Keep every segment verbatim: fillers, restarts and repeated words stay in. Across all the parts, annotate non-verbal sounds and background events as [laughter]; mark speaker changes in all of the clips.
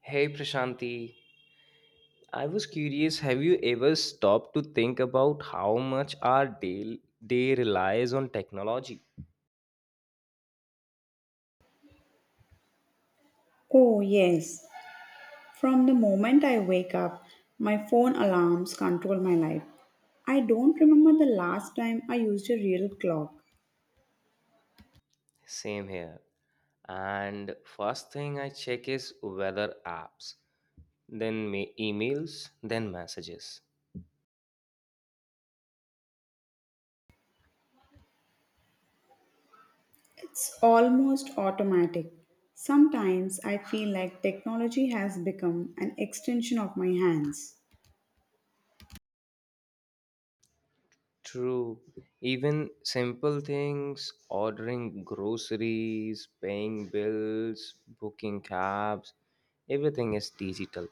Speaker 1: Hey Prashanti, I was curious, have you ever stopped to think about how much our day, day relies on technology?
Speaker 2: Oh, yes. From the moment I wake up, my phone alarms control my life. I don't remember the last time I used a real clock.
Speaker 1: Same here. And first thing I check is weather apps, then ma- emails, then messages.
Speaker 2: It's almost automatic. Sometimes I feel like technology has become an extension of my hands.
Speaker 1: True. Even simple things, ordering groceries, paying bills, booking cabs, everything is digital.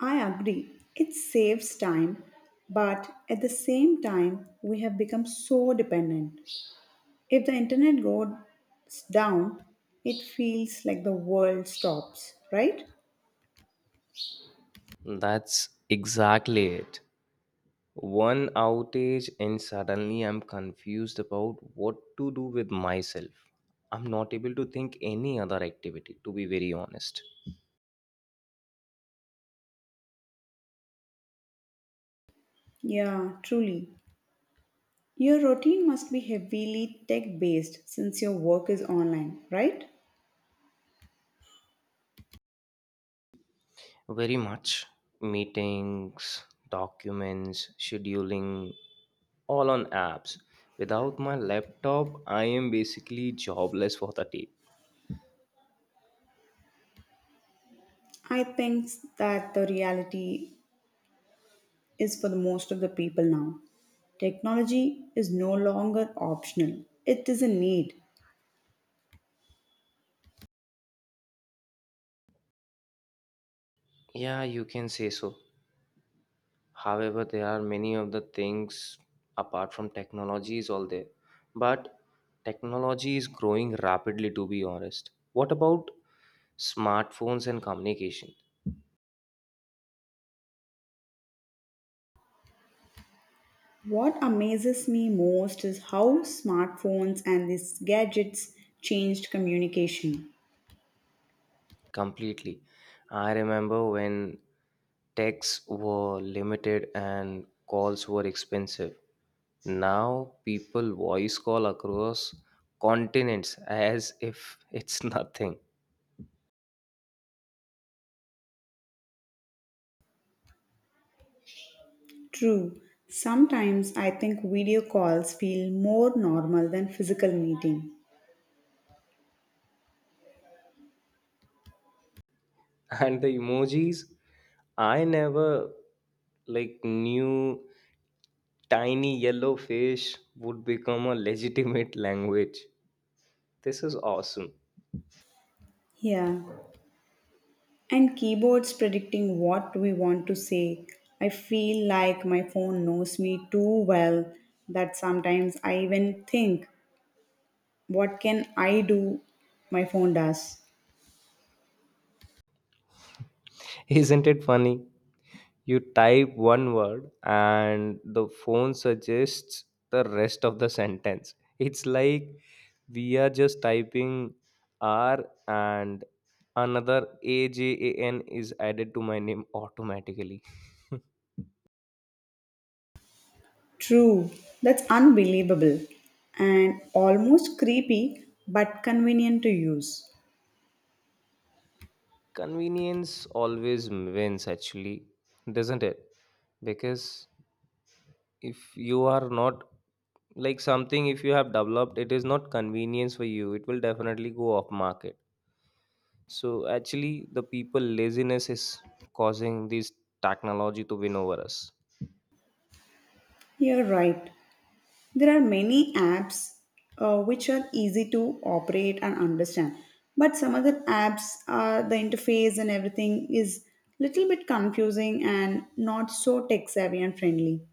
Speaker 2: I agree, it saves time, but at the same time, we have become so dependent. If the internet goes down, it feels like the world stops, right?
Speaker 1: That's exactly it. One outage, and suddenly I'm confused about what to do with myself. I'm not able to think any other activity, to be very honest.
Speaker 2: Yeah, truly. Your routine must be heavily tech based since your work is online, right?
Speaker 1: Very much. Meetings, documents, scheduling, all on apps. Without my laptop, I am basically jobless for the day.
Speaker 2: I think that the reality is for the most of the people now. Technology is no longer optional, it is a need.
Speaker 1: Yeah, you can say so. However, there are many of the things apart from technology is all there. But technology is growing rapidly, to be honest. What about smartphones and communication?
Speaker 2: What amazes me most is how smartphones and these gadgets changed communication.
Speaker 1: Completely. I remember when texts were limited and calls were expensive. Now people voice call across continents as if it's [laughs] nothing.
Speaker 2: True, sometimes I think video calls feel more normal than physical meeting.
Speaker 1: And the emojis, I never like knew. Tiny yellow fish would become a legitimate language. This is awesome.
Speaker 2: Yeah. And keyboards predicting what we want to say. I feel like my phone knows me too well that sometimes I even think, what can I do? My phone does.
Speaker 1: Isn't it funny? You type one word and the phone suggests the rest of the sentence. It's like we are just typing R and another A J A N is added to my name automatically.
Speaker 2: True, that's unbelievable and almost creepy but convenient to use.
Speaker 1: Convenience always wins, actually, doesn't it? Because if you are not like something, if you have developed it, is not convenience for you, it will definitely go off market. So actually the people laziness is causing this technology to win over us.
Speaker 2: You're right. There are many apps uh, which are easy to operate and understand, but some other apps, uh, the interface and everything is little bit confusing and not so tech savvy and friendly.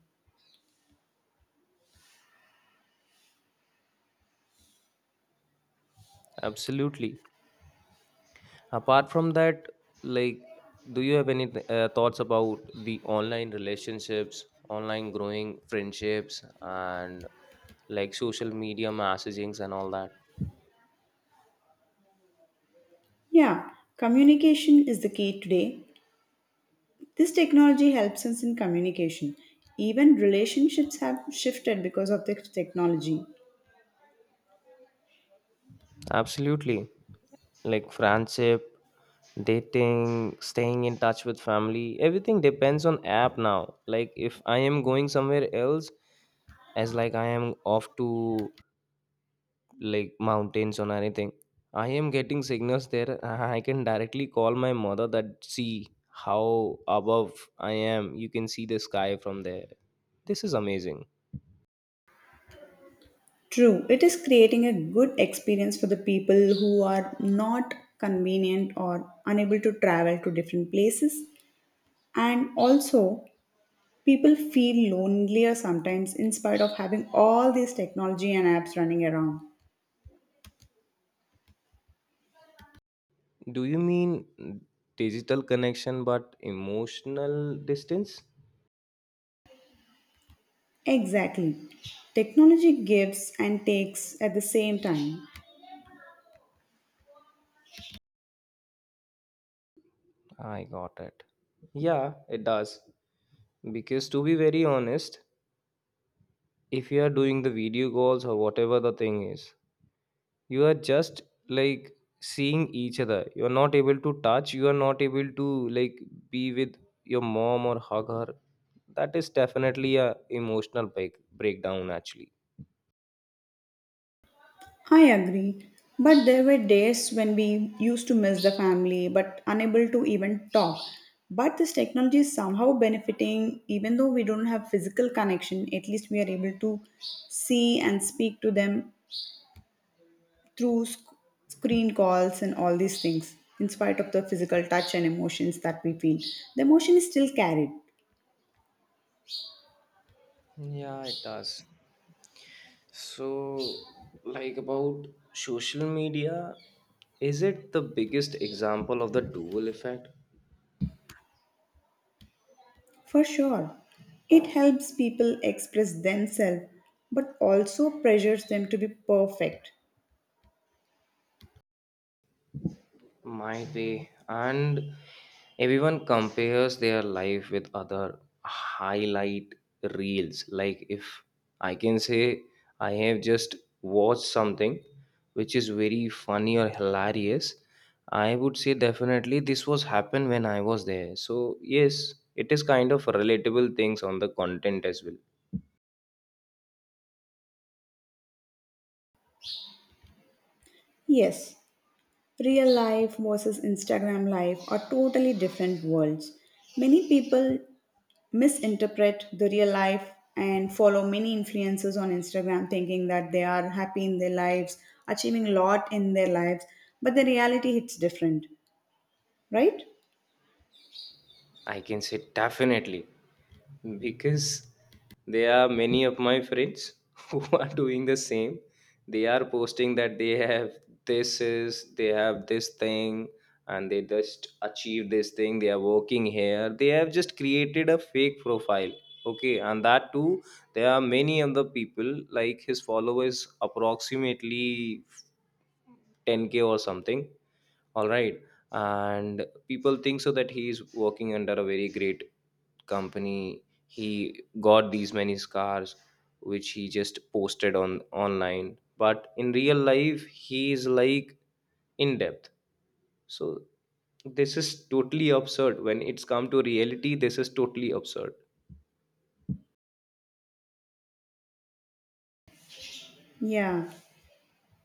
Speaker 1: Absolutely. Apart from that, like, do you have any uh, thoughts about the online relationships, online growing friendships, and like social media messagings and all that?
Speaker 2: Yeah, communication is the key today. This technology helps us in communication. Even relationships have shifted because of this technology.
Speaker 1: Absolutely, like friendship, dating, staying in touch with family. Everything depends on app now. Like if I am going somewhere else, as like I am off to like mountains or anything, I am getting signals there. [laughs] I can directly call my mother that see how above I am. You can see the sky from there. This is amazing.
Speaker 2: True, it is creating a good experience for the people who are not convenient or unable to travel to different places. And also, people feel lonelier sometimes in spite of having all this technology and apps running around.
Speaker 1: Do you mean digital connection but emotional distance?
Speaker 2: Exactly. Technology gives and takes at the same time.
Speaker 1: I got it. Yeah, it does. Because to be very honest, if you are doing the video calls or whatever the thing is, you are just like seeing each other. You are not able to touch, you are not able to like be with your mom or hug her. That is definitely a emotional break- breakdown actually.
Speaker 2: I agree. But there were days when we used to miss the family but unable to even talk. But this technology is somehow benefiting, even though we don't have physical connection, at least we are able to see and speak to them through sc- screen calls and all these things in spite of the physical touch and emotions that we feel, the emotion is still carried.
Speaker 1: Yeah, it does. So, like, about social media, is it the biggest example of the dual effect?
Speaker 2: For sure, it helps people express themselves but also pressures them to be perfect.
Speaker 1: Might be. And everyone compares their life with other highlight reels. Like if I can say, I have just watched something which is very funny or hilarious, I would say definitely this was happened when I was there. So yes, it is kind of relatable things on the content as well.
Speaker 2: Yes, real life versus Instagram life are totally different worlds. Many people misinterpret the real life and follow many influencers on Instagram thinking that they are happy in their lives, achieving a lot in their lives, but the reality hits different, right?
Speaker 1: I can say definitely, because there are many of my friends [laughs] who are doing the same. They are posting that they have, this is, they have this thing and they just achieve this thing. They are working here. They have just created a fake profile. Okay, and that too, there are many other people like his followers approximately ten k or something. All right, and people think so that he is working under a very great company, he got these many scars, which he just posted on online, but in real life he is like in depth. So this is totally absurd. When it's come to reality, this is totally absurd.
Speaker 2: Yeah.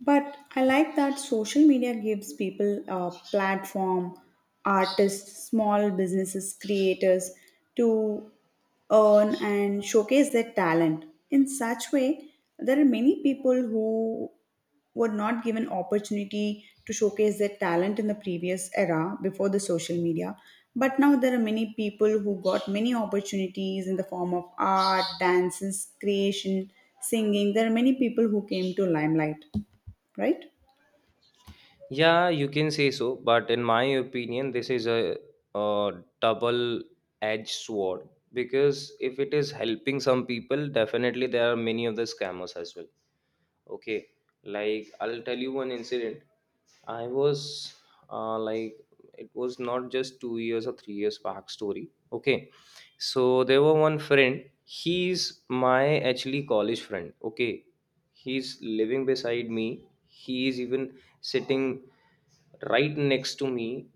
Speaker 2: But I like that social media gives people a platform, artists, small businesses, creators, to earn and showcase their talent. In such way, there are many people who were not given opportunity to showcase their talent in the previous era before the social media, but now there are many people who got many opportunities in the form of art, dances, creation, singing. There are many people who came to limelight, right?
Speaker 1: Yeah, you can say so, but in my opinion, this is a, a double edged sword, because if it is helping some people, definitely there are many of the scammers as well. Okay, like I'll tell you one incident. I was uh, like, it was not just two years or three years back story. Okay, so there were one friend. He's my actually college friend. Okay, he's living beside me. He is even sitting right next to me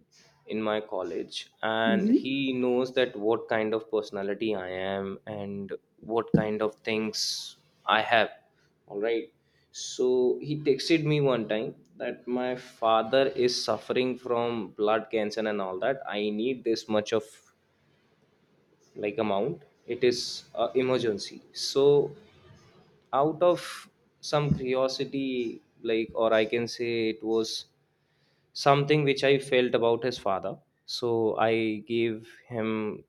Speaker 1: in my college, and
Speaker 2: Hmm.
Speaker 1: he knows that what kind of personality I am and what kind of things I have. All right, so he texted me one time that my father is suffering from blood cancer and all that. I need this much of like amount. It is a emergency. So out of some curiosity, like, or I can say it was something which I felt about his father. So I gave him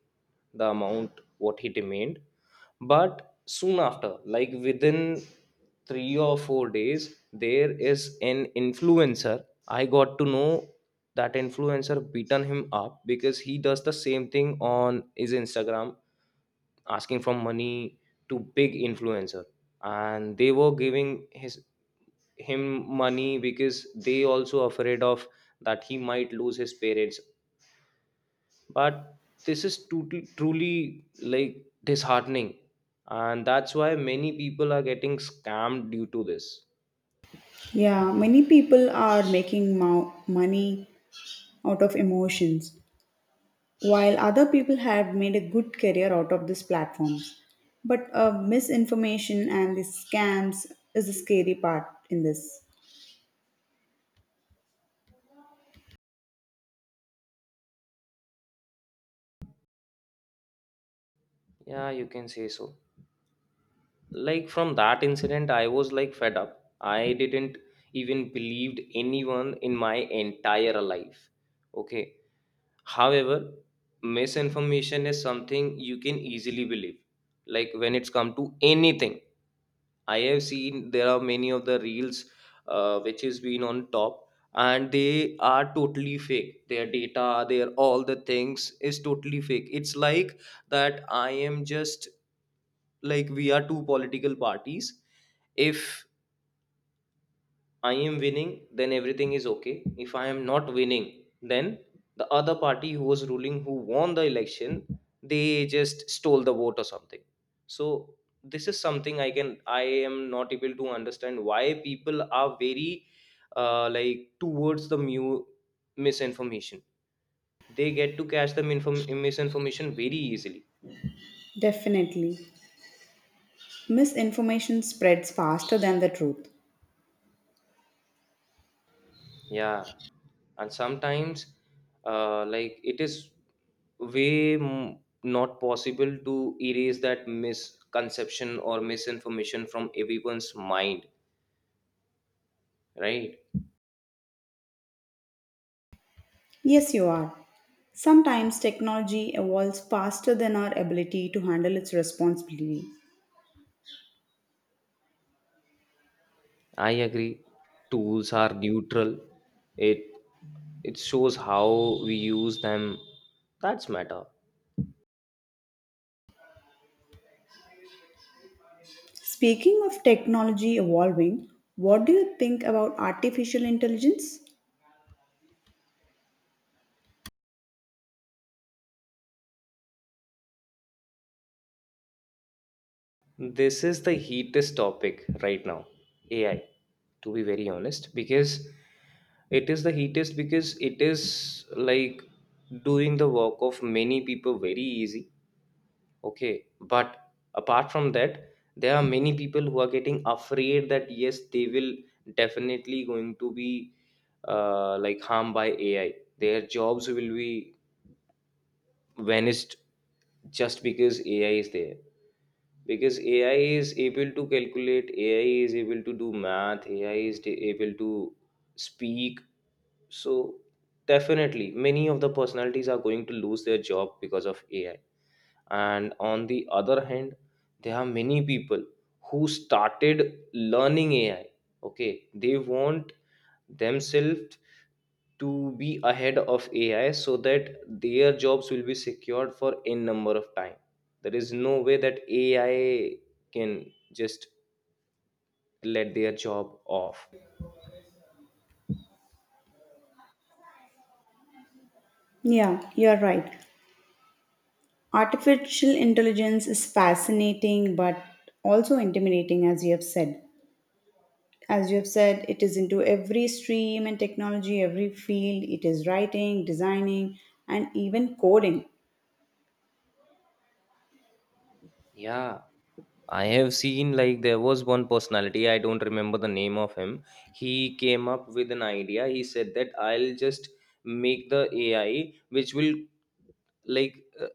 Speaker 1: the amount what he demanded. But soon after, like within three or four days, there is an influencer. I got to know that influencer beaten him up, because he does the same thing on his Instagram, asking for money to big influencer, and they were giving his him money, because they also afraid of that he might lose his parents. But this is totally truly like disheartening, and that's why many people are getting scammed due to this.
Speaker 2: Yeah, many people are making mo- money out of emotions, while other people have made a good career out of these platforms. But uh, misinformation and the scams is the scary part in this.
Speaker 1: Yeah, you can say so. Like from that incident, I was like fed up. I didn't even believed anyone in my entire life, okay? However, misinformation is something you can easily believe. Like when it's come to anything, I have seen there are many of the reels, uh, which has been on top, and they are totally fake. Their data, their all the things is totally fake. It's like that I am just like, we are two political parties. If I am winning, then everything is okay. If I am not winning, then the other party who was ruling, who won the election, they just stole the vote or something. So this is something I can, I am not able to understand why people are very uh, like towards the mu- misinformation. They get to catch the inform- misinformation very easily.
Speaker 2: Definitely. Misinformation spreads faster than the truth.
Speaker 1: Yeah, and sometimes, uh, like it is way m- not possible to erase that misconception or misinformation from everyone's mind, right?
Speaker 2: Yes, you are. Sometimes technology evolves faster than our ability to handle its responsibility.
Speaker 1: I agree. Tools are neutral. It it shows how we use them. That's matter.
Speaker 2: Speaking of technology evolving, what do you think about artificial intelligence?
Speaker 1: This is the heatest topic right now, A I, to be very honest, because it is the heatest, because it is like doing the work of many people very easy. Okay, but apart from that, there are many people who are getting afraid that yes, they will definitely going to be uh, like harmed by A I. Their jobs will be vanished just because A I is there, because AI is able to calculate, AI is able to do math ai is t- able to speak. So definitely many of the personalities are going to lose their job because of AI. And on the other hand, there are many people who started learning AI. Okay, they want themselves to be ahead of A I, so that their jobs will be secured for n number of time. There is no way that A I can just let their job off.
Speaker 2: Yeah, you're right. Artificial intelligence is fascinating but also intimidating, as you have said. As you have said, it is into every stream and technology, every field. It is writing, designing, and even coding.
Speaker 1: Yeah, I have seen, like, there was one personality, I don't remember the name of him. He came up with an idea. He said that I'll just make the A I which will like uh,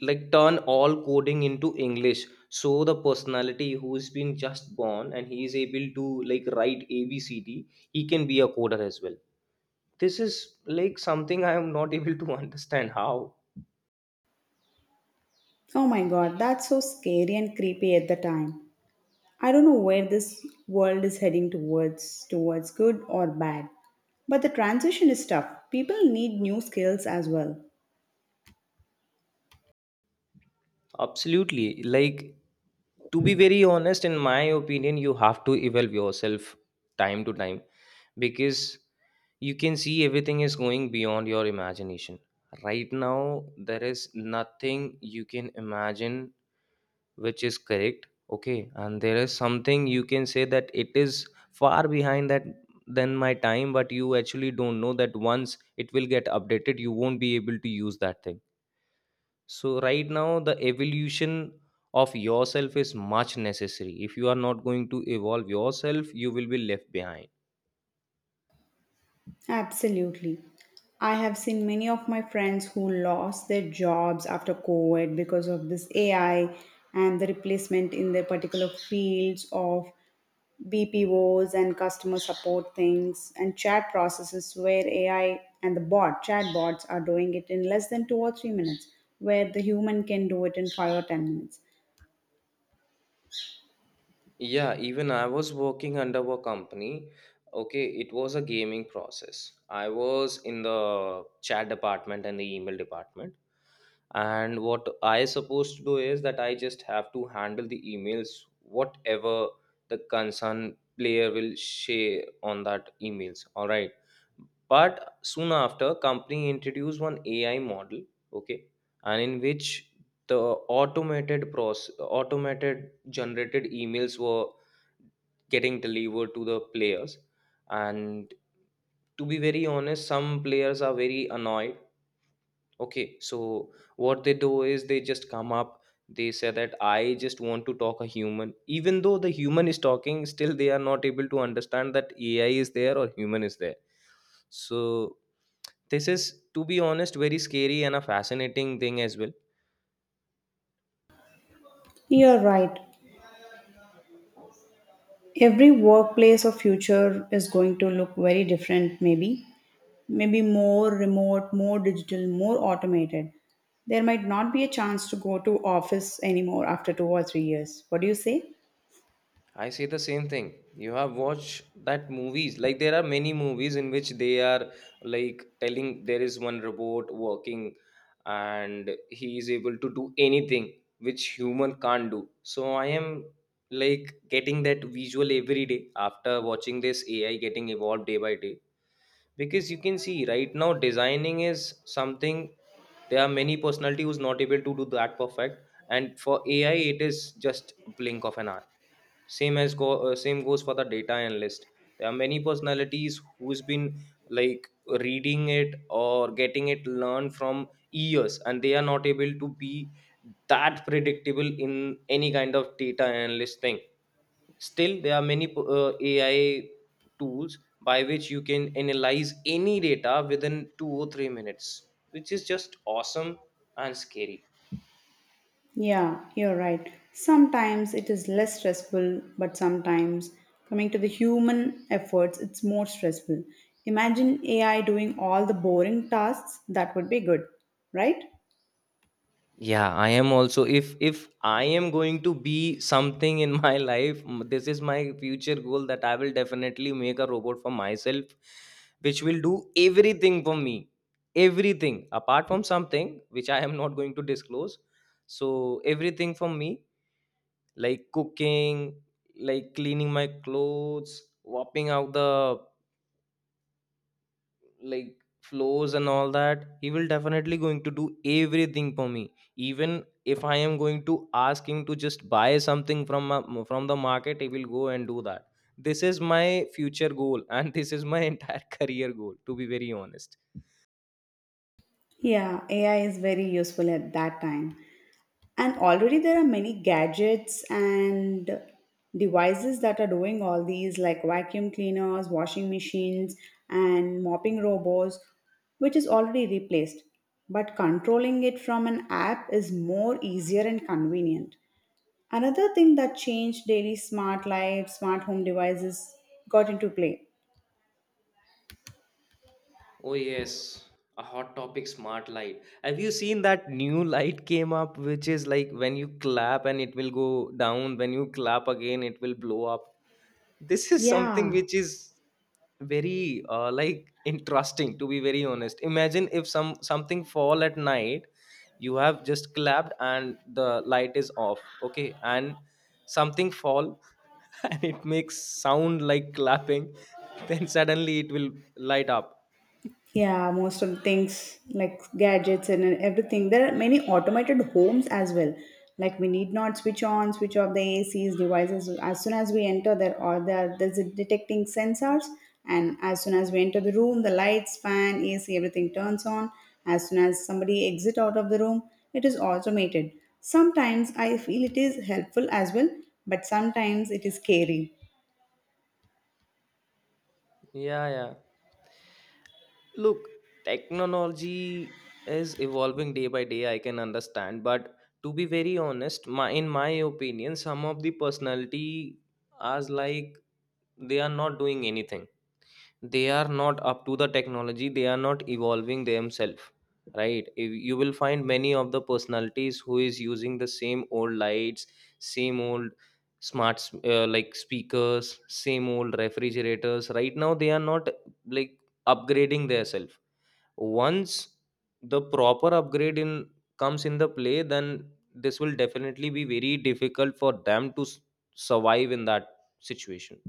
Speaker 1: like turn all coding into english, so the personality who's been just born and he is able to like write abcd, he can be a coder as well. This is like something I am not able to [laughs] understand how.
Speaker 2: Oh my god, that's so scary and creepy at the time. I don't know where this world is heading towards, towards good or bad. But the transition is tough. People need new skills as well.
Speaker 1: Absolutely, like, to be very honest, in my opinion you have to evolve yourself time to time, because you can see everything is going beyond your imagination right now. There is nothing you can imagine which is correct, okay? And there is something you can say that it is far behind that than my time, but you actually don't know that once it will get updated you won't be able to use that thing. So right now the evolution of yourself is much necessary. If you are not going to evolve yourself, you will be left behind.
Speaker 2: Absolutely. I have seen many of my friends who lost their jobs after COVID because of this A I and the replacement in their particular fields of B P Os and customer support things and chat processes where A I and the bot chatbots are doing it in less than two or three minutes where the human can do it in five or ten minutes.
Speaker 1: Yeah, even I was working under a company. Okay, it was a gaming process. I was in the chat department and the email department, and what I supposed to do is that I just have to handle the emails whatever the concerned player will share on that emails. All right, but soon after, company introduced one AI model, okay? And in which the automated process, automated generated emails were getting delivered to the players. And to be very honest, some players are very annoyed. Okay, so what they do is they just come up, they say that I just want to talk a human. Even though the human is talking, still they are not able to understand that A I is there or human is there. So this is, to be honest, very scary and a fascinating thing as well.
Speaker 2: You're right. Every workplace of future is going to look very different maybe. Maybe more remote, more digital, more automated. There might not be a chance to go to office anymore after two or three years. What do you say?
Speaker 1: I say the same thing. You have watched that movies. Like there are many movies in which they are like telling there is one robot working, and he is able to do anything which human can't do. So I am like getting that visual every day after watching this A I getting evolved day by day. Because you can see right now designing is something, there are many personality who's not able to do that perfect, and for A I it is just a blink of an eye. Same as go uh, Same goes for the data analyst. There are many personalities who's been, like reading it or getting it learned from years and they are not able to be that predictable in any kind of data analyst thing. Still there are many uh, AI tools by which you can analyze any data within two or three minutes, which is just awesome and scary.
Speaker 2: Yeah, you're right. Sometimes it is less stressful, but sometimes, coming to the human efforts, it's more stressful. Imagine A I doing all the boring tasks, that would be good, right?
Speaker 1: Yeah, I am also, if if I am going to be something in my [laughs] life, m- this is my future goal, that I will definitely make a robot for myself which will do everything for me. Everything apart from something which I am not going to disclose. So everything for me, like cooking, like cleaning my clothes, wiping out the, like, flows and all that. He will definitely going to do everything for me. Even if I am going to ask him to just buy something from ma- from the market, he will go and do that. This is my future goal, [laughs] and this is my entire [laughs] career goal, to be very honest.
Speaker 2: Yeah, A I is very useful at that time. And already there are many gadgets and devices that are doing all these, like vacuum cleaners, washing machines, and mopping robots, which is already replaced. But controlling it from an app is more easier and convenient. Another thing that changed daily smart life, smart home devices got into play.
Speaker 1: Oh yes, a hot topic, smart light. Have you seen that new light came up, which is like when you clap and it will go down, when you clap again it will blow up? This is something
Speaker 2: Yeah.
Speaker 1: which is very uh, like interesting, to be very honest. Imagine if some something fall at night, you have just clapped and the light is off, okay, and something fall [laughs] and it makes sound like clapping, [laughs] then suddenly it will light up.
Speaker 2: Yeah, most of the things like gadgets and everything. There are many automated homes as well. Like we need not switch on, switch off the A Cs devices as soon as we enter. There are there there's a detecting sensors, and as soon as we enter the room, the lights, fan, A C, everything turns on. As soon as somebody exit out of the room, it is automated. Sometimes I feel it is helpful as well, but sometimes it is scary.
Speaker 1: Yeah, yeah. Look, technology is evolving day by day, I can understand, but to be very honest, my in my opinion, some of the personality, as like, they are not doing anything. They are not up to the technology, they are not evolving themselves, right? If you will find many of the personalities who is using the same old lights, same old smart s- uh, like speakers, same old refrigerators, right now they are not, like, upgrading themselves. Once the proper upgrade in comes in the play, then this will definitely be very difficult for them to s- survive in that situation.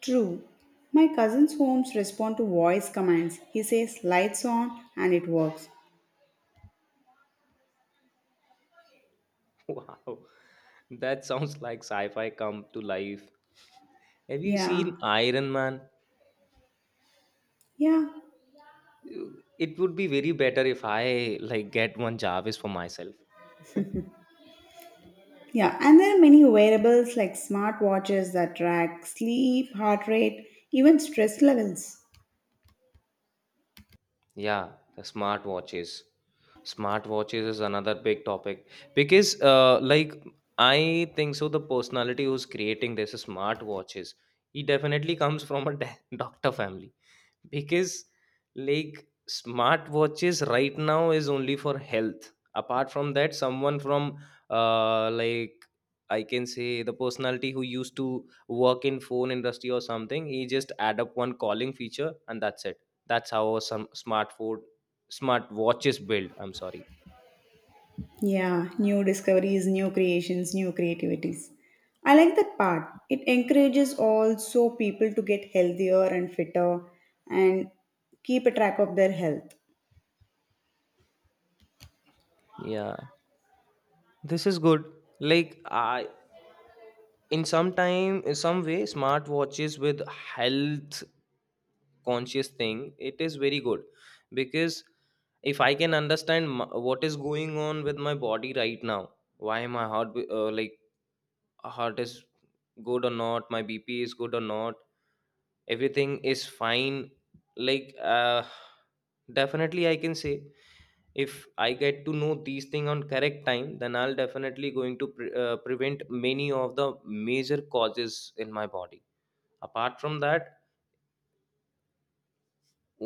Speaker 2: True. My cousin's homes respond to voice commands. He says lights on and it works.
Speaker 1: [laughs] Wow, that sounds like sci-fi come to life. Have you
Speaker 2: Yeah.
Speaker 1: seen Iron Man?
Speaker 2: Yeah.
Speaker 1: You- It would be very better if I, like, get one Jarvis for myself. [laughs]
Speaker 2: Yeah. And there are many wearables like smartwatches that track sleep, heart rate, even stress levels.
Speaker 1: Yeah, the smart watches. Smart watches is another big topic because, uh, like, I think so. The personality who's creating this smart watches, he definitely comes from a [laughs] doctor family, because, like, smartwatches right now is only for health. Apart from that, someone from, uh like, I can say the personality who used to work in phone industry or something, he just add up one calling feature and that's it. That's how some smartphone smart watches build. I'm sorry.
Speaker 2: Yeah. New discoveries, new creations, new creativities. I like that part. It encourages also people to get healthier and fitter and keep a track of their health.
Speaker 1: Yeah, this is good. Like, I, in some time, in some way, smart watches with health conscious thing, it is very good. Because if I can understand, m- what is going on with my body right now, why my heart be- uh, like heart is good or not, my bp is good or not, everything is fine, like, uh, definitely I can say, if I get to know these things on correct time, then I'll definitely going to pre- uh, prevent many of the major causes in my body. Apart from that,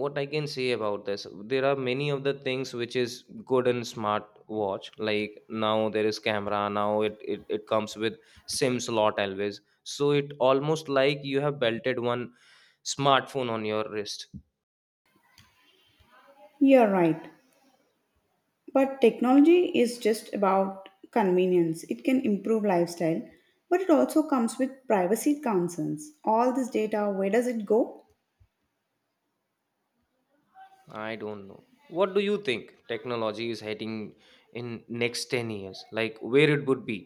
Speaker 1: what I can say about this, there are many of the things which is good in smart watch. Like, now there is camera, now it it, it comes with sim slot always, so it almost like you have belted one smartphone on your wrist.
Speaker 2: You're right. But technology is just about convenience. It can improve lifestyle, but it also comes with privacy concerns. All this data, where does it go?
Speaker 1: I don't know, what do you think, technology is heading in next ten years, like where it would be?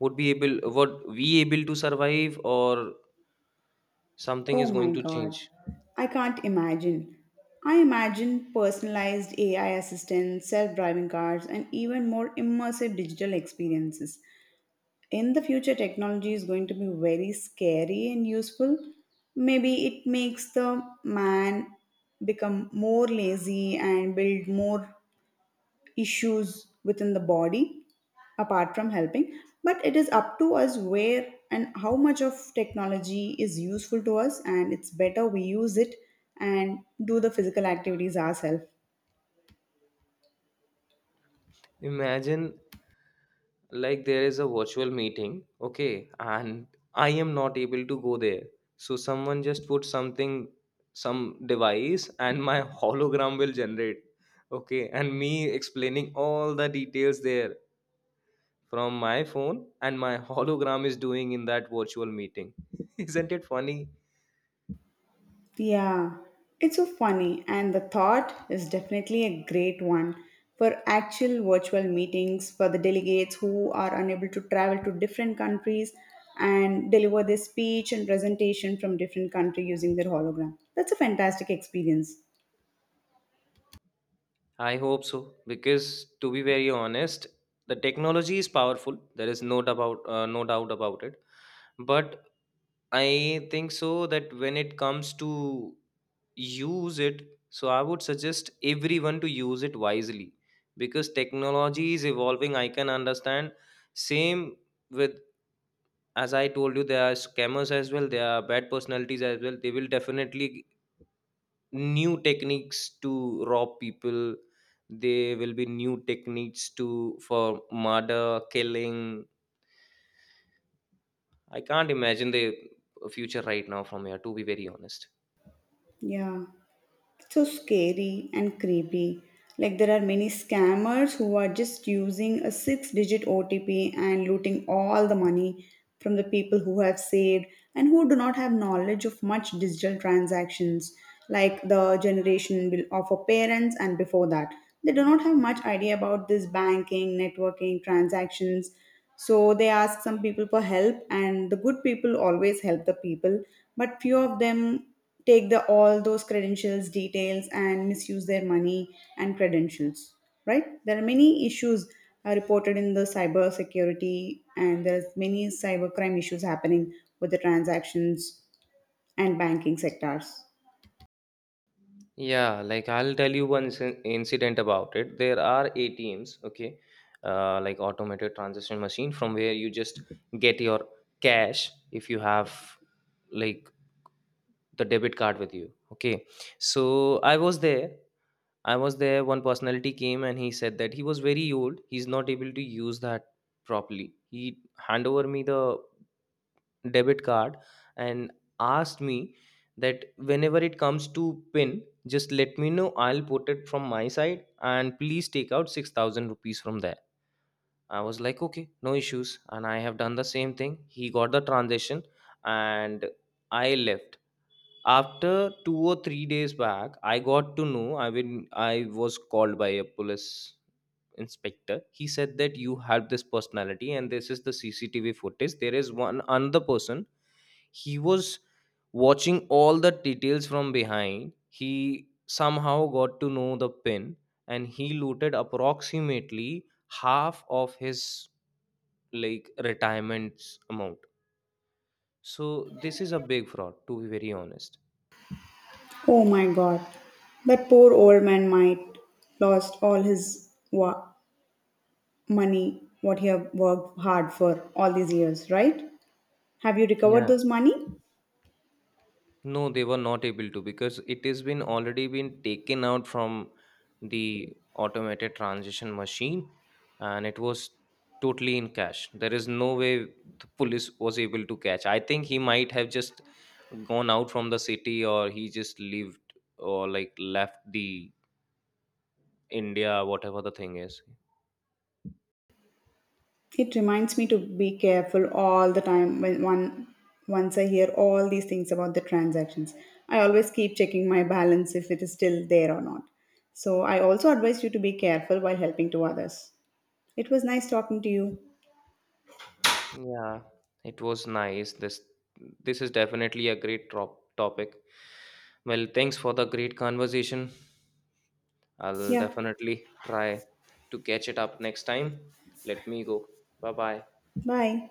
Speaker 1: Would be able Would we able to survive, or something
Speaker 2: Oh
Speaker 1: is going
Speaker 2: my
Speaker 1: to
Speaker 2: god.
Speaker 1: change?
Speaker 2: I can't imagine. I imagine personalized A I assistants, self driving cars, and even more immersive digital experiences. In the future, technology is going to be very scary and useful. Maybe it makes the man become more lazy and build more issues within the body apart from helping, but it is up to us where and how much of technology is useful to us, and it's better we use it and do the physical activities ourselves.
Speaker 1: Imagine, like, there is a virtual meeting, okay, and I am not able to go there, so someone just put something, some device, and my [laughs] hologram will generate, okay, and me explaining all the details there from my phone, and my [laughs] hologram is doing in that virtual meeting. [laughs] Isn't it funny?
Speaker 2: Yeah, it's so funny and the thought is definitely a great one for actual virtual meetings for the delegates who are unable to travel to different countries and deliver their speech and presentation from different country using their hologram. That's a fantastic experience.
Speaker 1: I hope so, because to be very honest, the technology is powerful, there is no doubt about uh, no doubt about it. But I think so that when it comes to use it, so I would suggest everyone to use it wisely, because technology is evolving, I can understand. Same with, as I told you, there are scammers as well, there are bad personalities as well. They will definitely new techniques to rob people. There will be new techniques to for murder, killing. I can't imagine the future right now from here, to be very honest.
Speaker 2: Yeah, it's so scary and creepy. Like there are many scammers who are just using a six-digit O T P and looting all the money from the people who have saved and who do not have knowledge of much digital transactions, like the generation will- of our parents and before that. They do not have much idea about this banking, networking, transactions. So they ask some people for help, and the good people always help the people, but few of them take the all those credentials details and misuse their money and credentials, right? There are many issues uh, reported in the cyber security, and there's many cyber crime issues happening with the transactions and banking sectors.
Speaker 1: Yeah, like I'll tell you one sin- incident about it. There are A T Ms, okay, uh, like automated transaction machine, from where you just get your cash if you have, like, the debit card with you, okay. So I was there. I was there. One personality came and he said that he was very old, he's not able to use that properly. He hand over me the debit card and asked me that whenever it comes to pin, just let me know, I'll put it from my side, and please take out six thousand rupees from there. I was like, okay, no issues, and I have done the same thing. He got the transition, and I left. After two or three days back, I got to know, i been, I was called by a police inspector. He said that you have this personality and this is the C C T V footage. There is one another person, he was watching all the details from behind, he somehow got to know the pin, and he looted approximately half of his, like, retirement's amount. So this is a big fraud, to be very honest.
Speaker 2: Oh my god, that poor old man might lost all his wa- money what he have worked hard for all these years, right? Have you recovered
Speaker 1: Yeah.
Speaker 2: those money?
Speaker 1: No, they were not able to, because it has been already been taken out from the automated transition machine, and it was totally in cash. There is no way the police was able to catch. I think he might have just gone out from the city, or he just lived, or like left the India, whatever the thing is.
Speaker 2: It reminds me to be careful all the time when one once I hear all these things about the transactions. I always keep checking my balance if it is still there or not. So I also advise you to be careful while helping to others. It was nice talking to you.
Speaker 1: Yeah, it was nice. This this is definitely a great trop topic. Well, thanks for the great conversation. I'll
Speaker 2: Yeah.
Speaker 1: definitely try to catch it up next time. Let me go. Bye bye.
Speaker 2: Bye.